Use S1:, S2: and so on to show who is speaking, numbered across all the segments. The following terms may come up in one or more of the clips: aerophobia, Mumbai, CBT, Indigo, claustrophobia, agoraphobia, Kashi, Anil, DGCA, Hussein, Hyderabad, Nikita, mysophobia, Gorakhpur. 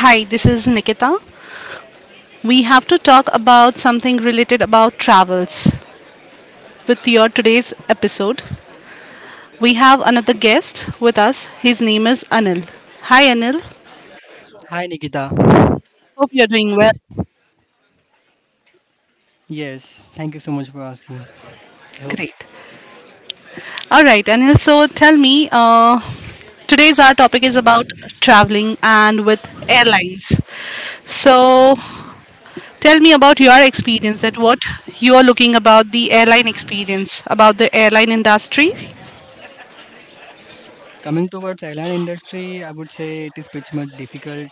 S1: Hi, this is Nikita. We have to talk about something related about travels. With your today's episode, we have another guest with us. His name is Anil. Hi, Anil.
S2: Hi Nikita.
S1: Hope you're doing well.
S2: Yes, thank you so much for asking. I hope
S1: Great. All right, Anil. So tell me, today's our topic is about traveling and with airlines. So tell me about your experience. That what you are looking about the airline experience about the airline industry.
S2: coming towards airline industry, I would say it is pretty much difficult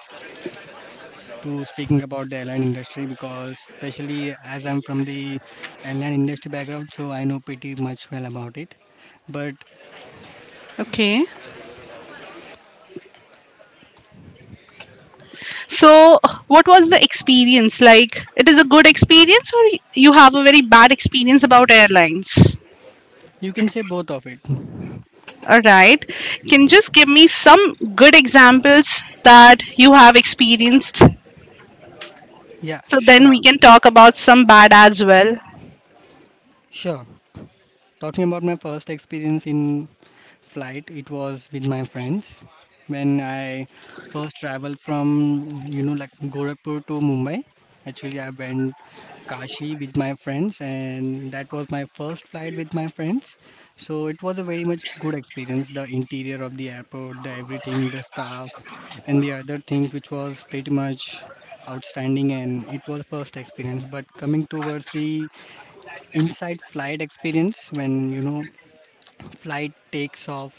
S2: to speaking about the airline industry because especially as I'm from the airline industry background, so I know pretty much well about it. But
S1: Okay. So, what was the experience like? It is a good experience, or you have a very bad experience about airlines?
S2: you can say both of it.
S1: All right. Can you just give me some good examples that you have experienced?
S2: Yeah,
S1: So then we
S2: sure,
S1: can talk about some bad as well.
S2: sure. Talking about my first experience in flight. It was with my friends when I first traveled from like Gorakhpur to Mumbai. Actually, I went Kashi with my friends, and that was my first flight with my friends. So it was a very much good experience. The interior of the airport, the everything, the staff, and the other things which was pretty much outstanding and it was first experience but coming towards the inside flight experience when flight takes off.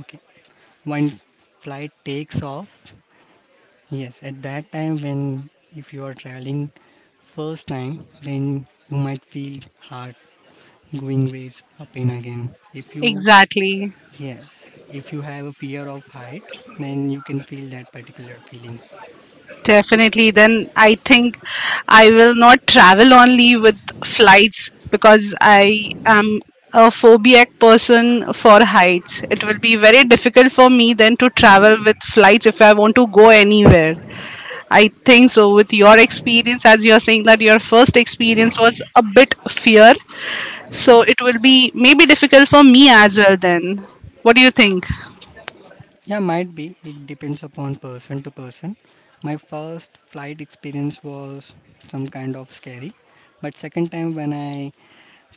S2: Okay. When flight takes off, yes, at that time, when if you are traveling first time then you might feel hard going raise up and again if you,
S1: Exactly.
S2: yes, if you have a fear of height then you can feel that particular feeling.
S1: Definitely. Then I think I will not travel only with flights because I am a phobic person for heights. It will be very difficult for me then to travel with flights if I want to go anywhere. I think so. With your experience, as you're saying that your first experience was a bit fear, so it will be maybe difficult for me as well then. What do you think?
S2: Yeah, might be it depends upon person to person. My first flight experience was some kind of scary, but second time when I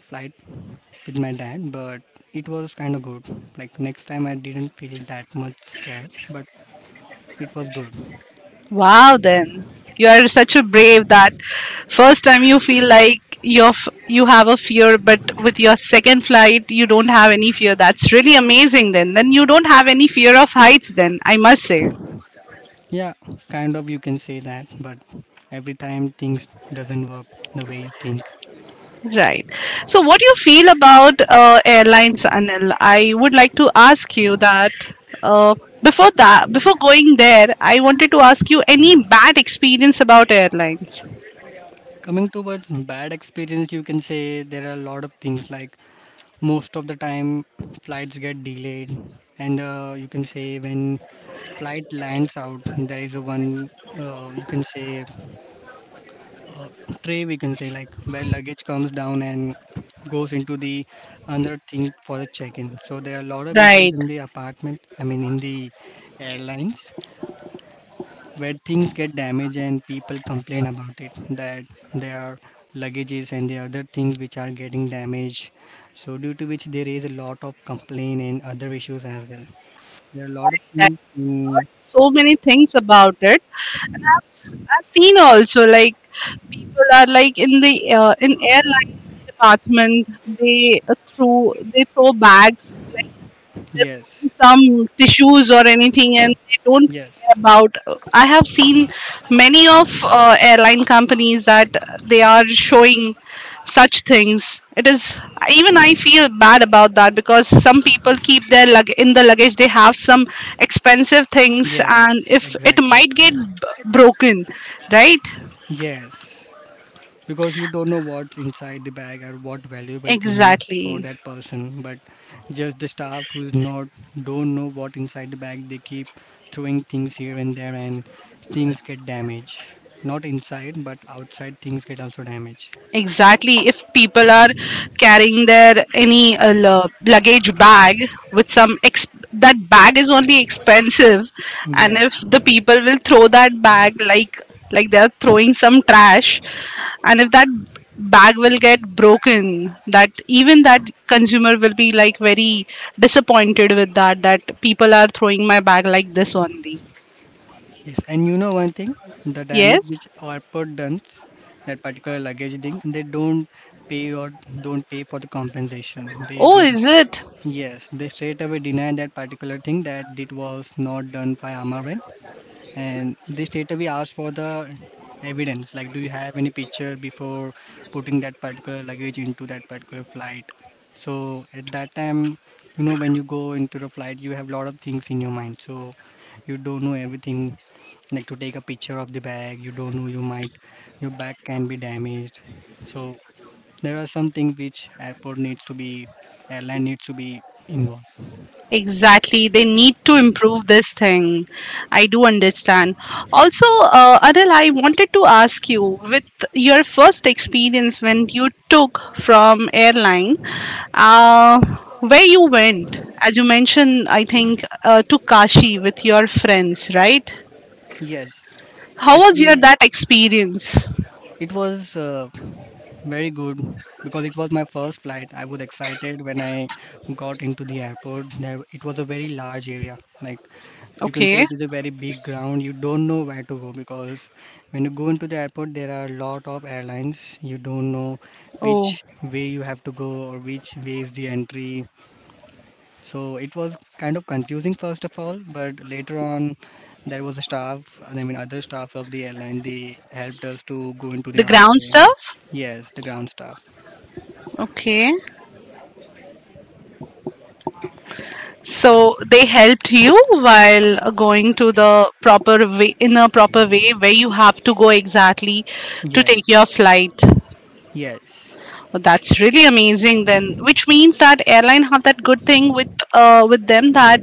S2: flight with my dad, but it was kind of good. Like next time, I didn't feel that much scared, but it was good.
S1: Wow, then you are such a brave that first time you feel like you have a fear, but with your second flight you don't have any fear. That's really amazing. Then you don't have any fear of heights. Then I must say,
S2: Yeah, kind of you can say that, but every time things doesn't work the way you think.
S1: right. So, what do you feel about airlines, Anil? I would like to ask you that. Uh, before that, before going there, I wanted to ask you any bad experience about airlines.
S2: Coming towards bad experience, you can say there are a lot of things like most of the time flights get delayed, and you can say when flight lands out, there is a one, you can say, uh, tray we can say like where luggage comes down and goes into the another thing for the check-in. So there are a lot of issues
S1: Right.
S2: in the apartment, I mean in the airlines, where things get damaged and people complain about it that their luggages and the other things which are getting damaged, so due to which there is a lot of complaint and other issues as well. There are a lot of
S1: There
S2: things
S1: So many things about it. I've seen also like people are like in the in airline department they throw bags
S2: yes,
S1: some tissues or anything and they don't care
S2: yes,
S1: about I have seen many of airline companies that they are showing such things it is even I feel bad about that because some people keep their lug in the luggage they have some expensive things and
S2: yes,
S1: if it
S2: exactly,
S1: might get broken, right.
S2: yes, because you don't know what's inside the bag or what valuable thing for
S1: Exactly.
S2: that person but just the staff who's not don't know what inside the bag they keep throwing things here and there and things get damaged, not inside but outside things get also damaged.
S1: Exactly. If people are carrying their any luggage bag with some that bag is only expensive, and
S2: Yeah,
S1: if the people will throw that bag like they are throwing some trash, and if that bag will get broken, that even that consumer will be like very disappointed with that that people are throwing my bag like this only.
S2: yes, and you know one thing, the damage
S1: Yes.
S2: which airport does that particular luggage thing they pay or don't pay for the compensation, they
S1: Oh, is
S2: just...
S1: it?
S2: Yes, they straight away denied that particular thing that it was not done by Amaran, and they straight away asked for the evidence. Like, do you have any picture before putting that particular luggage into that particular flight? So at that time, when you go into the flight, you have a lot of things in your mind. So you don't know everything. Like to take a picture of the bag, you don't know. Your bag can be damaged. So there are some things which airport needs to be, airline needs to be involved.
S1: Exactly. They need to improve this thing. I do understand. Also, Adil, I wanted to ask you with your first experience when you took from airline, uh, where you went, as you mentioned, I think to Kashi with your friends, right?
S2: Yes,
S1: How was your
S2: actually,
S1: that experience?
S2: it was very good because it was my first flight. I was excited when I got into the airport. There, it was a very large area. Like you can say,
S1: Okay.
S2: it is a very big ground. You don't know where to go because when you go into the airport, there are a lot of airlines. You don't know
S1: Oh,
S2: which way you have to go or which way is the entry. So it was kind of confusing first of all, but later on there was a staff, I mean other staffs of the airline, they helped us to go into the
S1: the
S2: right
S1: ground
S2: way.
S1: stuff.
S2: Yes, the ground staff.
S1: Okay. So they helped you while going to the proper way, in a proper way where you have to go exactly to take your
S2: Yes,
S1: flight.
S2: yes,
S1: Well, that's really amazing then, which means that airline have that good thing with them that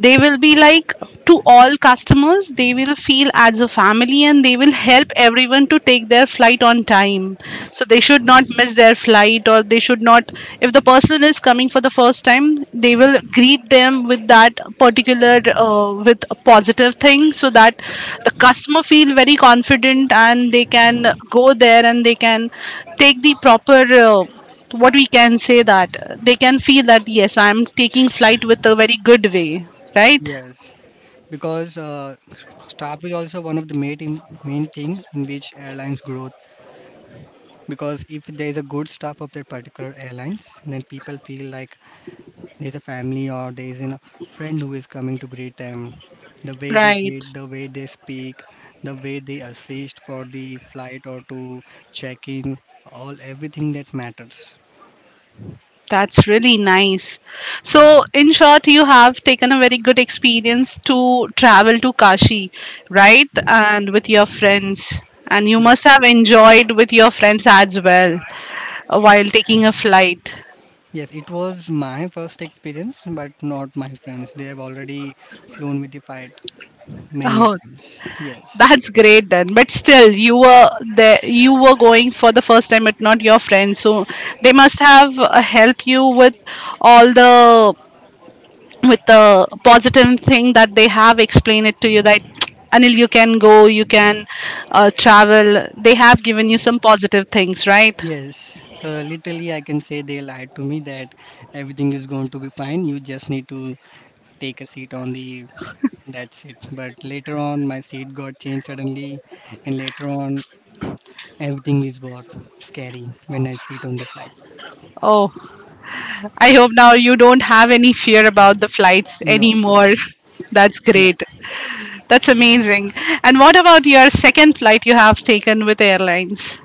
S1: they will be like to all customers, they will feel as a family and they will help everyone to take their flight on time. So they should not miss their flight or they should not if the person is coming for the first time they will greet them with that particular with a positive thing so that the customer feel very confident and they can go there and they can take the proper uh, what we can say that they can feel that yes I'm taking flight with a very good way, right,
S2: yes. Because staff is also one of the main thing in which airlines growth. Because if there is a good staff of that particular airlines, then people feel like there's a family or there's a friend who is coming to greet them, the way they
S1: right.
S2: greet, the way they speak, the way they assist for the flight or to check in, all everything that matters.
S1: That's really nice. So, in short, you have taken a very good experience to travel to Kashi, right? And with your friends. And you
S2: Yes,
S1: must have enjoyed with your friends as well while taking a flight.
S2: yes, it was my first experience but not my friends, they have already flown with the fight many a
S1: Oh,
S2: times. Yes,
S1: that's great then. But still, you were there, you were going for the first time, but not your friends. So, they must have helped you with all the with the positive thing that they have explained it to you that Anil, you can go, you can travel. They have given you some positive things, right?
S2: yes, literally I can say they lied to me that everything is going to be fine, you just need to take a seat on the... That's it. But later on, my seat got changed suddenly, and later on, everything is got scary when I sit on the flight.
S1: Oh, I hope now you don't have any fear about the flights
S2: No,
S1: anymore. That's
S2: yeah.
S1: great. That's amazing. And what about your second flight you have taken with airlines?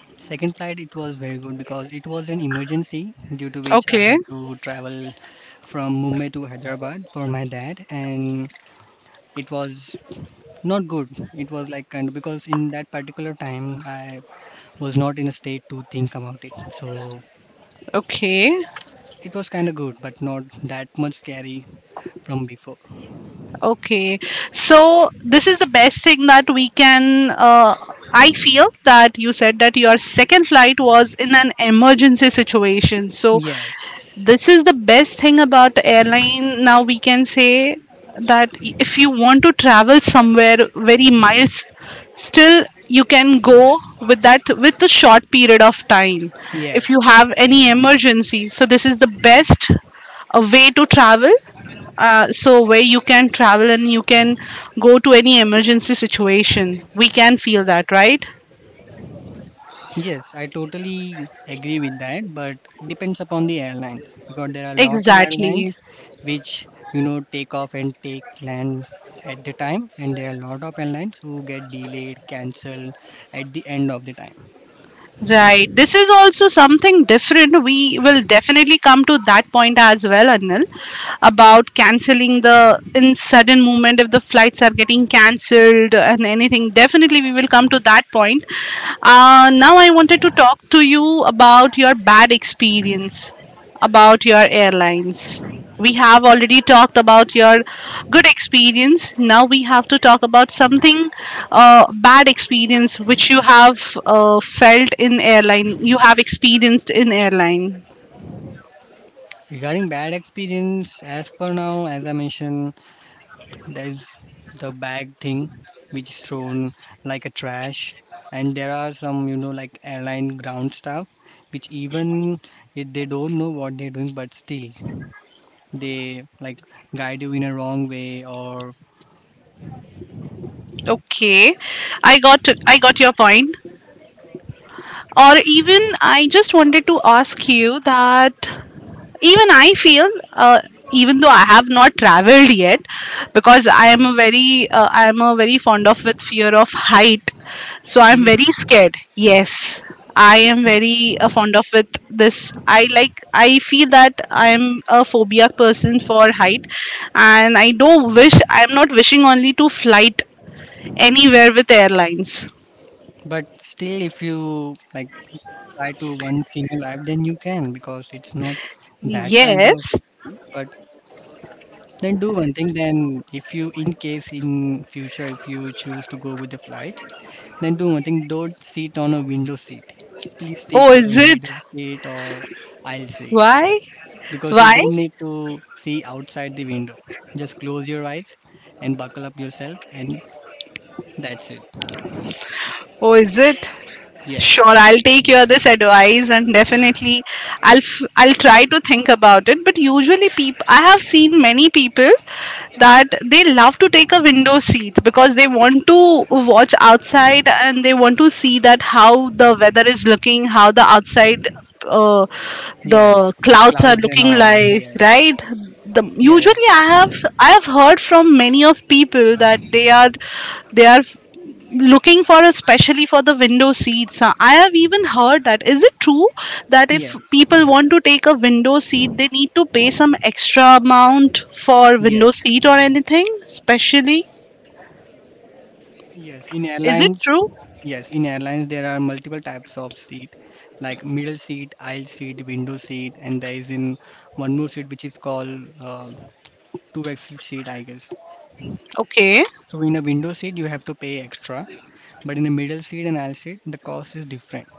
S2: Second flight, it was very good because it was an emergency due to which I
S1: Okay,
S2: had to travel from Mumbai to Hyderabad for my dad, and it was not good. It was like kind of because in that particular time, I was not in a state to think about it. So
S1: okay.
S2: it was kind of good, but not that much scary from before.
S1: Okay, so this is the best thing that we can. I feel that you said that your second flight was in an emergency situation. So,
S2: Yes,
S1: this is the best thing about airline. Now, we can say that if you want to travel somewhere very miles, still you can go with that with a short period of time if
S2: yes,
S1: you have any emergency. So, this is the best a way to travel so where you can travel and you can go to any emergency situation we can feel that, right,
S2: yes. I totally agree with that, but depends upon the airlines because there are a lot of
S1: exactly,
S2: airlines which take off and take land at the time, and there are a lot of airlines who get delayed, cancelled at the end of the time.
S1: right. This is also something different we will definitely come to that point as well, Anil, about canceling the in sudden movement if the flights are getting cancelled and anything definitely we will come to that point. Now I wanted to talk to you about your bad experience about your airlines. We have already talked about your good experience. Now we have to talk about something bad experience which you have felt in airline. You have experienced in airline.
S2: Regarding bad experience, as for now, as I mentioned, there is the bag thing which is thrown like a trash, and there are some like airline ground staff which even if they don't know what they're doing, but still they like guide you in a wrong way or
S1: Okay, I got your point. Or even I just wanted to ask you that even I feel, even though I have not traveled yet, because I am a very, I am a very fond of with fear of height, so I'm very
S2: seriously.
S1: scared. Yes, I am very fond of with this. I like, I feel that I am a phobia person for height, and I don't wish. I am not wishing only to flight anywhere with airlines.
S2: But still, if you like try to once in your life, then you can because it's not that kind of
S1: Yes.
S2: risky. But then do one thing. Then if you in case in future if you choose to go with the flight... Then do one thing, don't sit on a window seat. Please
S1: Oh,
S2: take a
S1: is it?
S2: middle seat or aisle seat
S1: Why?
S2: because you
S1: Why?
S2: don't need to see outside the window. Just close your eyes and buckle up yourself, and that's it.
S1: Oh, is it? Sure,
S2: Yes,
S1: I'll take your this advice and definitely I'll try to think about it. But usually, people I have seen many people that they love to take a window seat because they want to watch outside and they want to see that how the weather is looking, how the outside uh,
S2: yes,
S1: the clouds are
S2: clouds and
S1: looking
S2: all.
S1: like, right?
S2: Yes,
S1: The usually
S2: yes,
S1: I have heard from many of people that they are looking for especially for the window seats. I have even heard that is it true that if
S2: yes,
S1: people want to take a window seat they need to pay some extra amount for window
S2: yes,
S1: seat or anything especially,
S2: yes. In
S1: is it
S2: airlines,
S1: true?
S2: yes, in airlines, there are multiple types of seat like middle seat, aisle seat, window seat, and there is in one more seat which is called two excel sheet I guess.
S1: Okay,
S2: So in a window seat you have to pay extra, but in a middle seat and aisle seat the cost is different.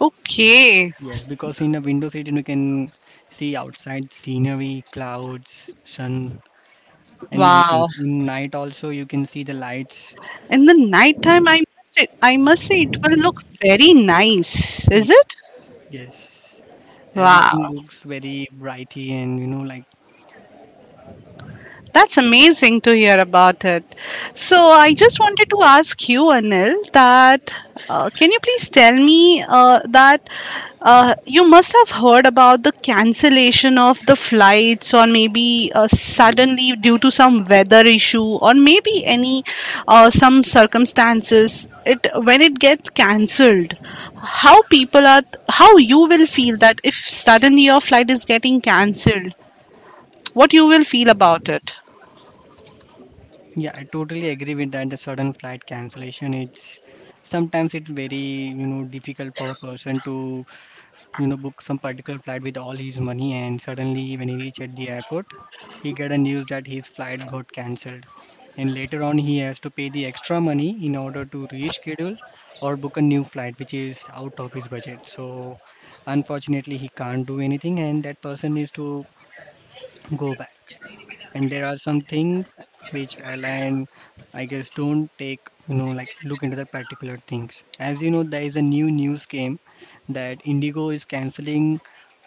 S1: okay,
S2: Yes, because in a window seat you can see outside scenery, clouds, sun, and many things.
S1: wow.
S2: In night also you can see the lights.
S1: In the night time I must say it will look very nice,
S2: Ye-
S1: is it?
S2: yes,
S1: Wow.
S2: everything looks very brighty and like,
S1: That's amazing to hear about it. So I just wanted to ask you, Anil, that can you please tell me that you must have heard about the cancellation of the flights, or maybe suddenly due to some weather issue, or maybe any some circumstances. It when it gets cancelled, how people are, how you will feel that if suddenly your flight is getting cancelled, what you will feel about it.
S2: yeah, I totally agree with that. The sudden flight cancellation, it's sometimes it's very difficult for a person to book some particular flight with all his money, and suddenly when he reached at the airport he got a news that his flight got cancelled, and later on he has to pay the extra money in order to reschedule or book a new flight which is out of his budget. So unfortunately he can't do anything and that person needs to go back. And there are some things which airline I guess don't take, like, look into the particular things. As you know there is a new news came that Indigo is canceling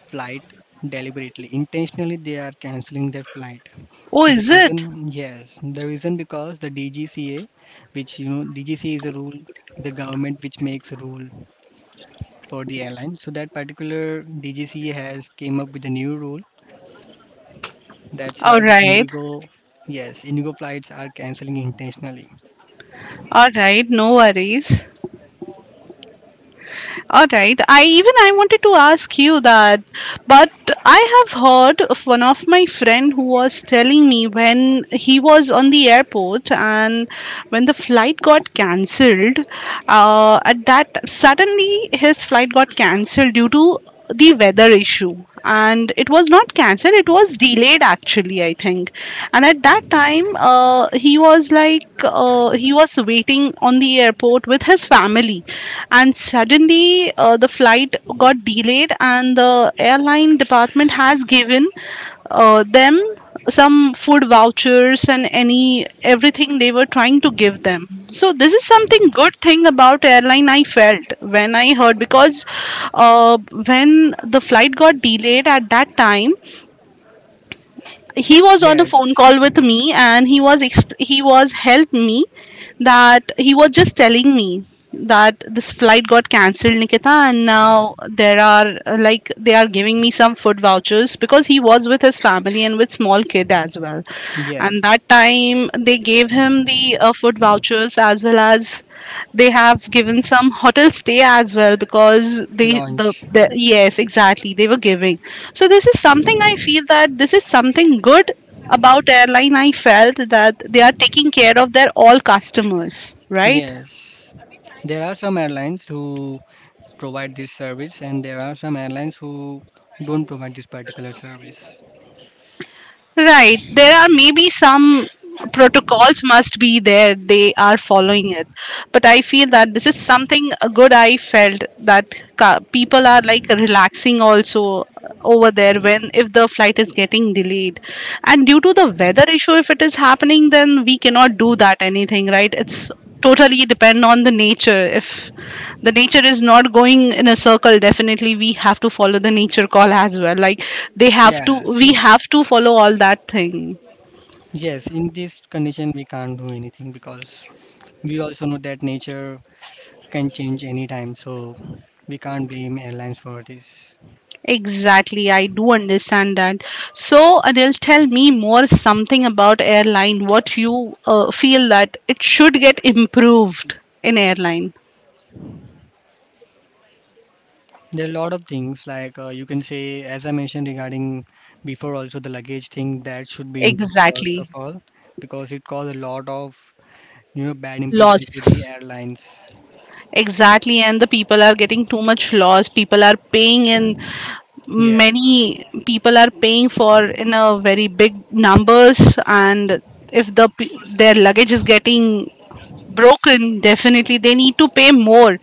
S2: flight deliberately, intentionally, they are canceling their flight.
S1: Oh,
S2: The
S1: is
S2: reason,
S1: it?
S2: yes, the reason because the DGCA, which DGCA is a rule, the government which makes a rule for the airline, so that particular DGCA has came up with a new rule, that's why
S1: All
S2: the
S1: right.
S2: Indigo, yes, Indigo flights are canceling intentionally.
S1: All right, no worries. All right. I wanted to ask you that, but I have heard of one of my friend who was telling me when he was on the airport and when the flight got cancelled, at that suddenly his flight got cancelled due to the weather issue and it was not cancelled it was delayed actually I think, and at that time he was like he was waiting on the airport with his family and suddenly the flight got delayed and the airline department has given them some food vouchers and any everything they were trying to give them so this is something good thing about airline I felt when I heard because, uh, when the flight got delayed at that time he was on a phone
S2: Yes,
S1: call with me and he was helped me that he was just telling me that this flight got cancelled, Nikita, and now there are like they are giving me some food vouchers because he was with his family and with small kid as well
S2: yes,
S1: and that time they gave him the food vouchers as well as they have given some hotel stay as well because they, the,
S2: launch.
S1: the yes exactly they were giving so this is something I feel that this is something good about airline I felt that they are taking care of their all customers, right.
S2: Yes. There are some airlines who provide this service, and there are some airlines who don't provide this particular service.
S1: Right. There are maybe some protocols must be there. They are following it. But I feel that this is something good I felt that people are like relaxing also over there when if the flight is getting delayed. And due to the weather issue, if it is happening, then we cannot do that anything, right? It's totally depend on the nature. If the nature is not going in a circle, definitely we have to follow the nature call as well, like they have to
S2: Yes,
S1: we have to follow all that thing.
S2: yes, in this condition, we can't do anything because we also know that nature can change anytime, so we can't blame airlines for this.
S1: Exactly, I do understand that. So, Anil, tell me more something about airline what you feel that it should get improved in airline.
S2: There are a lot of things like, you can say, as I mentioned regarding before, also the luggage thing that should be improved first
S1: Exactly.
S2: of all because it caused a lot of bad impression to the
S1: Loss.
S2: airlines.
S1: Exactly, and the people are getting too much loss. People are paying in
S2: Yes,
S1: Many people are paying for in a very big numbers, and if the their luggage is getting broken, definitely they need to pay more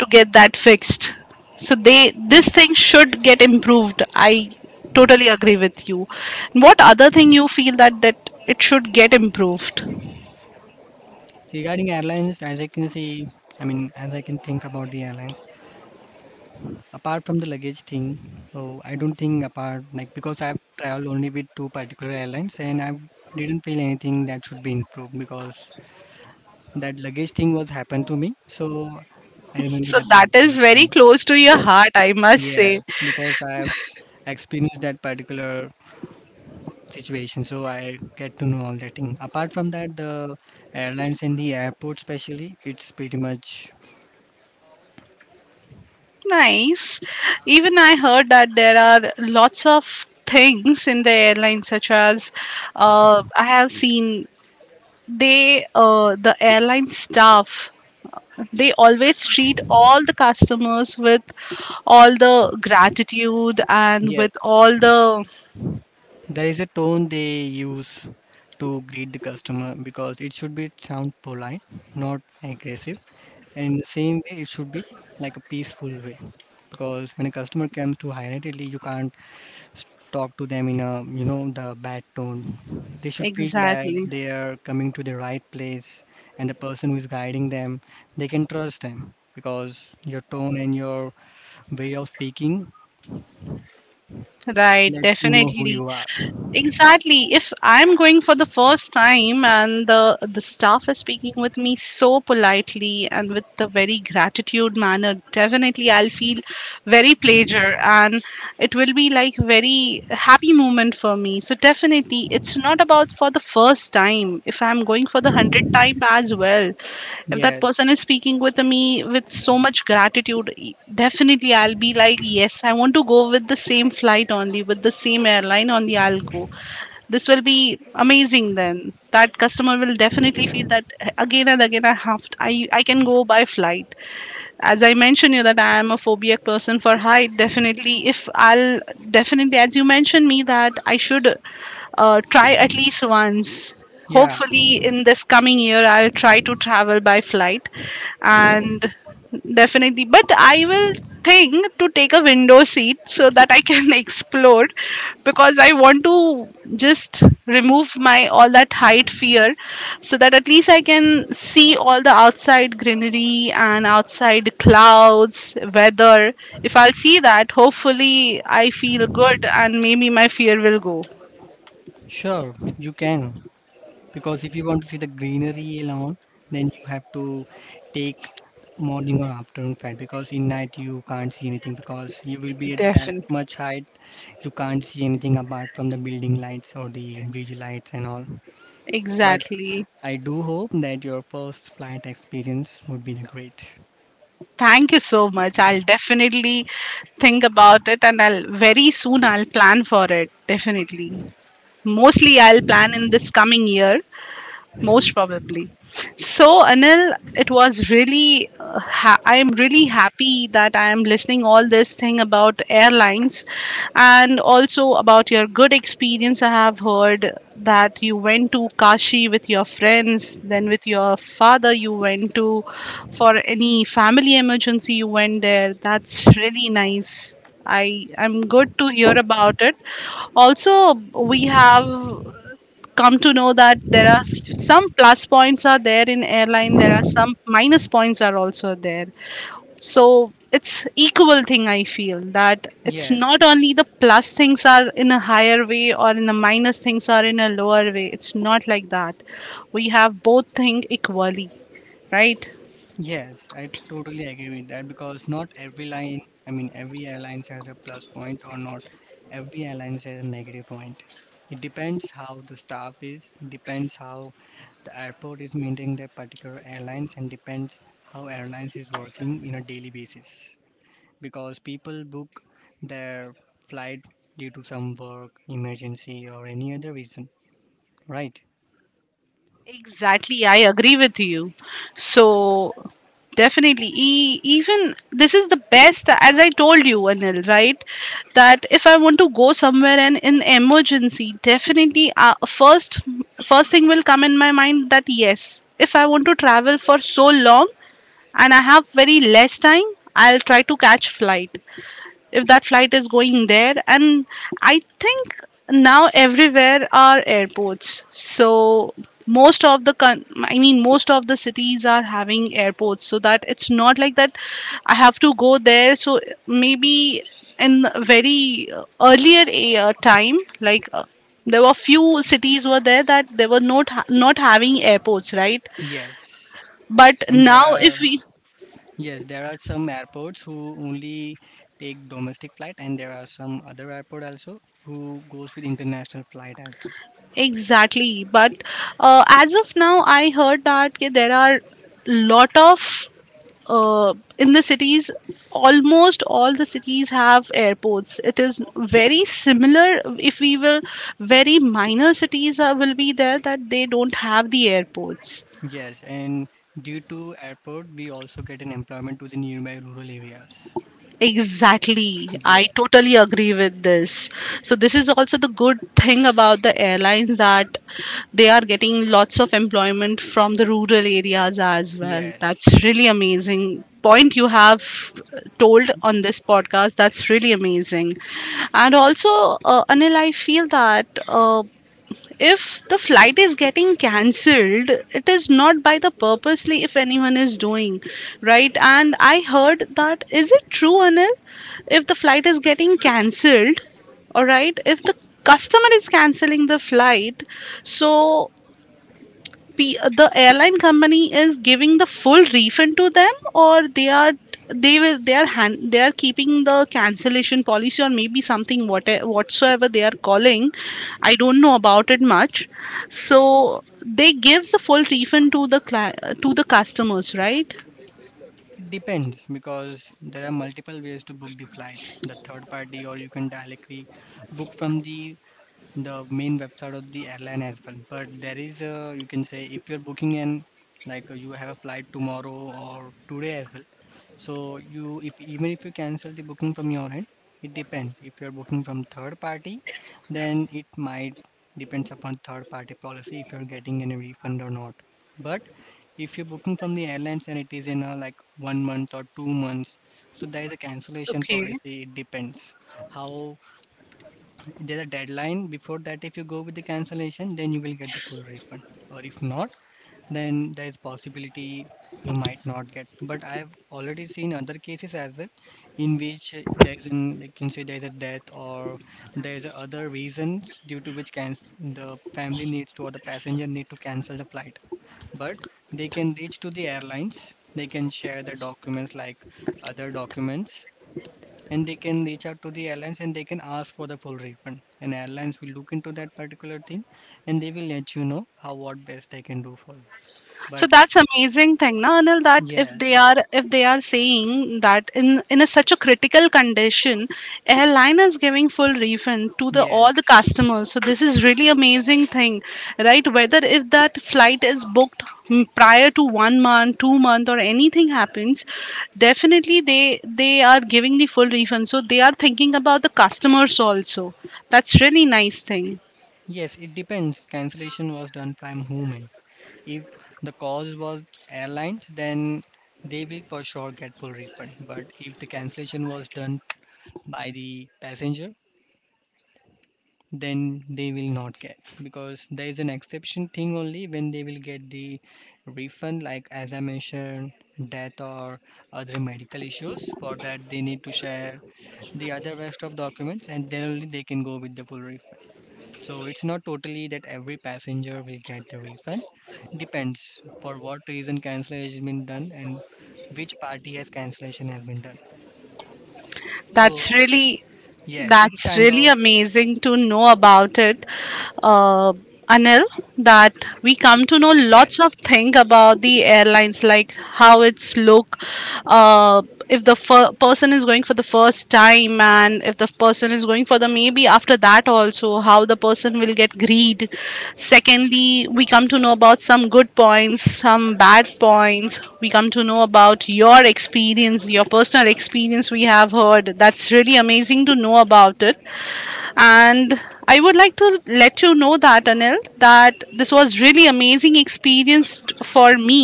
S1: to get that fixed. So they this thing should get improved. I totally agree with you. What other thing you feel that it should get improved?
S2: regarding airlines, as I can see, I mean, as I can think about the airlines, apart from the luggage thing, oh, I don't think apart like because I've traveled only with two particular airlines and I didn't feel anything that should be improved because that luggage thing was happened to me, so I remember
S1: So
S2: that
S1: that is
S2: particular
S1: very
S2: thing.
S1: close to your heart, I must say.
S2: Yes, because I have experienced that particular situation, so I get to know all that thing. Apart from that, the airlines and the airport, especially, it's pretty much
S1: Nice. Even I heard that there are lots of things in the airline, such as I have seen they the airline staff they always treat all the customers with all the gratitude and
S2: yes.
S1: with all the.
S2: There is a tone they use to greet the customer because it should be sound polite, not aggressive, and in the same way, it should be like a peaceful way. Because when a customer comes to Higher Italy, you can't talk to them in a the bad tone. They should feel that
S1: Exactly.
S2: they are coming to the right place, and the person who is guiding them they can trust them because your tone and your way of speaking
S1: Right.
S2: lets you know who
S1: Definitely.
S2: you are.
S1: Exactly. If I'm going for the first time and the staff is speaking with me so politely and with the very gratitude manner, definitely I'll feel very pleasure and it will be like very happy moment for me. So definitely it's not about for the first time. If I'm going for the hundred time as well, if that
S2: Yes.
S1: person is speaking with me with so much gratitude, definitely I'll be like, yes, I want to go with the same flight only, with the same airline only, I'll go. This will be amazing then. That customer will definitely feel that again and again I have to, I can go by flight. As I mentioned you that I am a phobic person for height, definitely if I'll definitely as you mentioned me that I should try at least once.
S2: Yeah,
S1: Hopefully in this coming year I'll try to travel by flight, and definitely, but I will think to take a window seat so that I can explore, because I want to just remove my all that height fear so that at least I can see all the outside greenery and outside clouds weather. If I'll see that, hopefully I feel good and maybe my fear will go.
S2: sure you can. Because if you want to see the greenery alone, then you have to take morning or afternoon flight, because in night you can't see anything because you will be at that
S1: Definitely.
S2: much height, you can't see anything apart from the building lights or the bridge lights and all. But
S1: Exactly.
S2: I do hope that your first flight experience would be the great.
S1: Thank you so much. I'll definitely think about it and I'll very soon I'll plan for it. Definitely. Mostly I'll plan in this coming year, most probably. So, Anil, it was really, I am really happy that I am listening all this thing about airlines, and also about your good experience. I have heard that you went to Kashi with your friends, then with your father, you went to for any family emergency, you went there. That's really nice. I am good to hear about it. Also, we have come to know that there are some plus points are there in airline, there are some minus points are also there. So it's equal thing. I feel that it's
S2: Yes.
S1: not only the plus things are in a higher way or in the minus things are in a lower way, it's not like that. We have both thing equally, right?
S2: Yes, I totally agree with that because not every line, I mean, every airlines has a plus point or not every airlines has a negative point. It depends how the staff is, depends how the airport is maintaining that particular airlines, and depends how airlines is working in a daily basis. Because people book their flight due to some work, emergency, or any other reason, right?
S1: Exactly, I agree with you. So definitely, even this is the best, as I told you, Anil, right? That if I want to go somewhere and in emergency, definitely, first thing will come in my mind that yes, if I want to travel for so long and I have very less time, I'll try to catch flight if that flight is going there. And I think now everywhere are airports. So most of the I mean most of the cities are having airports, so that it's not like that I have to go there. So maybe in the very earlier time, like there were few cities were there that they were not not having airports, right?
S2: Yes,
S1: But
S2: and
S1: now,
S2: there
S1: if
S2: are,
S1: we.
S2: yes, there are some airports who only take domestic flight, and there are some other airport also who goes with international flight as well.
S1: Exactly. But as of now, I heard that ki there are lot of uh, in the cities, almost all the cities have airports. It is very similar. If we will, very minor cities are, will be there that they don't have the airports.
S2: Yes, and due to airport, we also get an employment to the nearby rural areas.
S1: Exactly. I
S2: Yes,
S1: totally agree with this. So this is also the good thing about the airlines, that they are getting lots of employment from the rural areas as well.
S2: yes.
S1: That's really amazing point you have told on this podcast. That's really amazing. And also, Anil, I feel that if the flight is getting cancelled, it is not by the purposely if anyone is doing, right? And I heard that, is it true, Anil, if the flight is getting cancelled, all right, if the customer is cancelling the flight, so the airline company is giving the full refund to them, or they are, they will, they are hand, they are keeping the cancellation policy, or maybe something, what whatsoever they are calling, I don't know about it much. So they gives the full refund to the to the customers, right?
S2: It depends because there are multiple ways to book the flight. The third party, or you can directly book from the main website of the airline as well. But there is a, you can say if you're booking an like you have a flight tomorrow or today as well. So you if even if you cancel the booking from your end, it depends. If you're booking from third party, then it might depends upon third party policy if you're getting any refund or not. But if you're booking from the airlines and it is in a like one month or two months, so there is a cancellation
S1: Okay.
S2: policy. It depends how there's a deadline before that. If you go with the cancellation then you will get the full refund, or if not then there is possibility you might not get, but I have already seen other cases as well in which there is an, like, you can say there is a death or there is a other reasons due to which can the family needs to or the passenger need to cancel the flight, but they can reach to the airlines, they can share the documents like other documents, and they can reach out to the airlines and they can ask for the full refund and airlines will look into that particular thing and they will let you know how what best they can do for you.
S1: So
S2: But
S1: that's amazing thing na, Anil, that if they
S2: yes.
S1: are, if they are saying that in a, such a critical condition, airline is giving full refund to the all
S2: Yes,
S1: the customers, so this is really amazing thing. Right. Whether if that flight is booked, prior to 1 month 2 month or anything happens, definitely they are giving the full refund, so they are thinking about the customers also. That's really nice thing.
S2: yes, it depends cancellation was done by whom and if the cause was airlines then they will for sure get full refund, but if the cancellation was done by the passenger then they will not get, because there is an exception thing only when they will get the refund, like as I mentioned, death or other medical issues, for that they need to share the other rest of documents and then only they can go with the full refund. So it's not totally that every passenger will get the refund, depends for what reason cancellation has been done and which party has cancellation has been done. So
S1: That's really
S2: yes, it is
S1: that's
S2: kind
S1: really
S2: of
S1: amazing to know about it, uh, Anil. That we come to know lots
S2: yes.
S1: of things about the airlines, like how it's look, uh, if the person is going for the first time, and if the person is going for the maybe after that also how the person will get greed. Secondly, we come to know about some good points, some bad points, we come to know about your experience, your personal experience we have heard. That's really amazing to know about it. And I would like to let you know that, Anil, that this was really amazing experience for me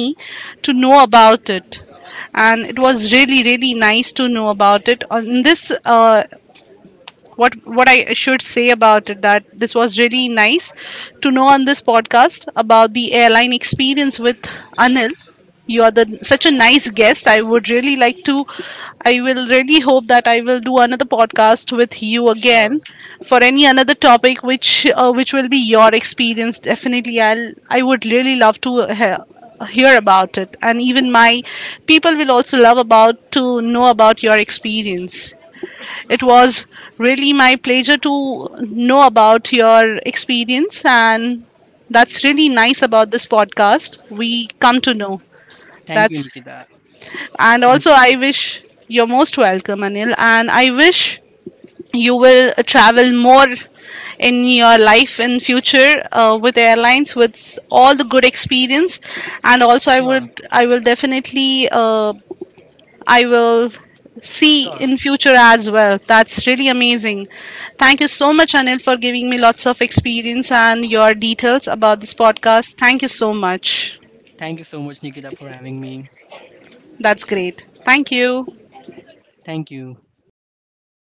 S1: to know about it. And it was really really nice to know about it on this uh, what I should say about it, that this was really nice to know on this podcast about the airline experience with Anil. You are the such a nice guest. I would really like to. I will really hope that I will do another podcast with you
S2: Sure.
S1: again for any another topic which will be your experience. Definitely, I'll. I would really love to hear about it. And even my people will also love about to know about your experience. It was really my pleasure to know about your experience, and that's really nice about this podcast. We come to know.
S2: Thank you,
S1: That's,
S2: Nikita.
S1: and
S2: Thank
S1: also
S2: you.
S1: I wish you're most welcome, Anil, and I wish you will travel more in your life in future with airlines with all the good experience. And also
S2: Sure,
S1: I will definitely I will see
S2: sure.
S1: in future as well. That's really amazing. Thank you so much, Anil, for giving me lots of experience and your details about this podcast. Thank you so much.
S2: Thank you so much, Nikita, for having me.
S1: That's great. Thank you.
S2: Thank you.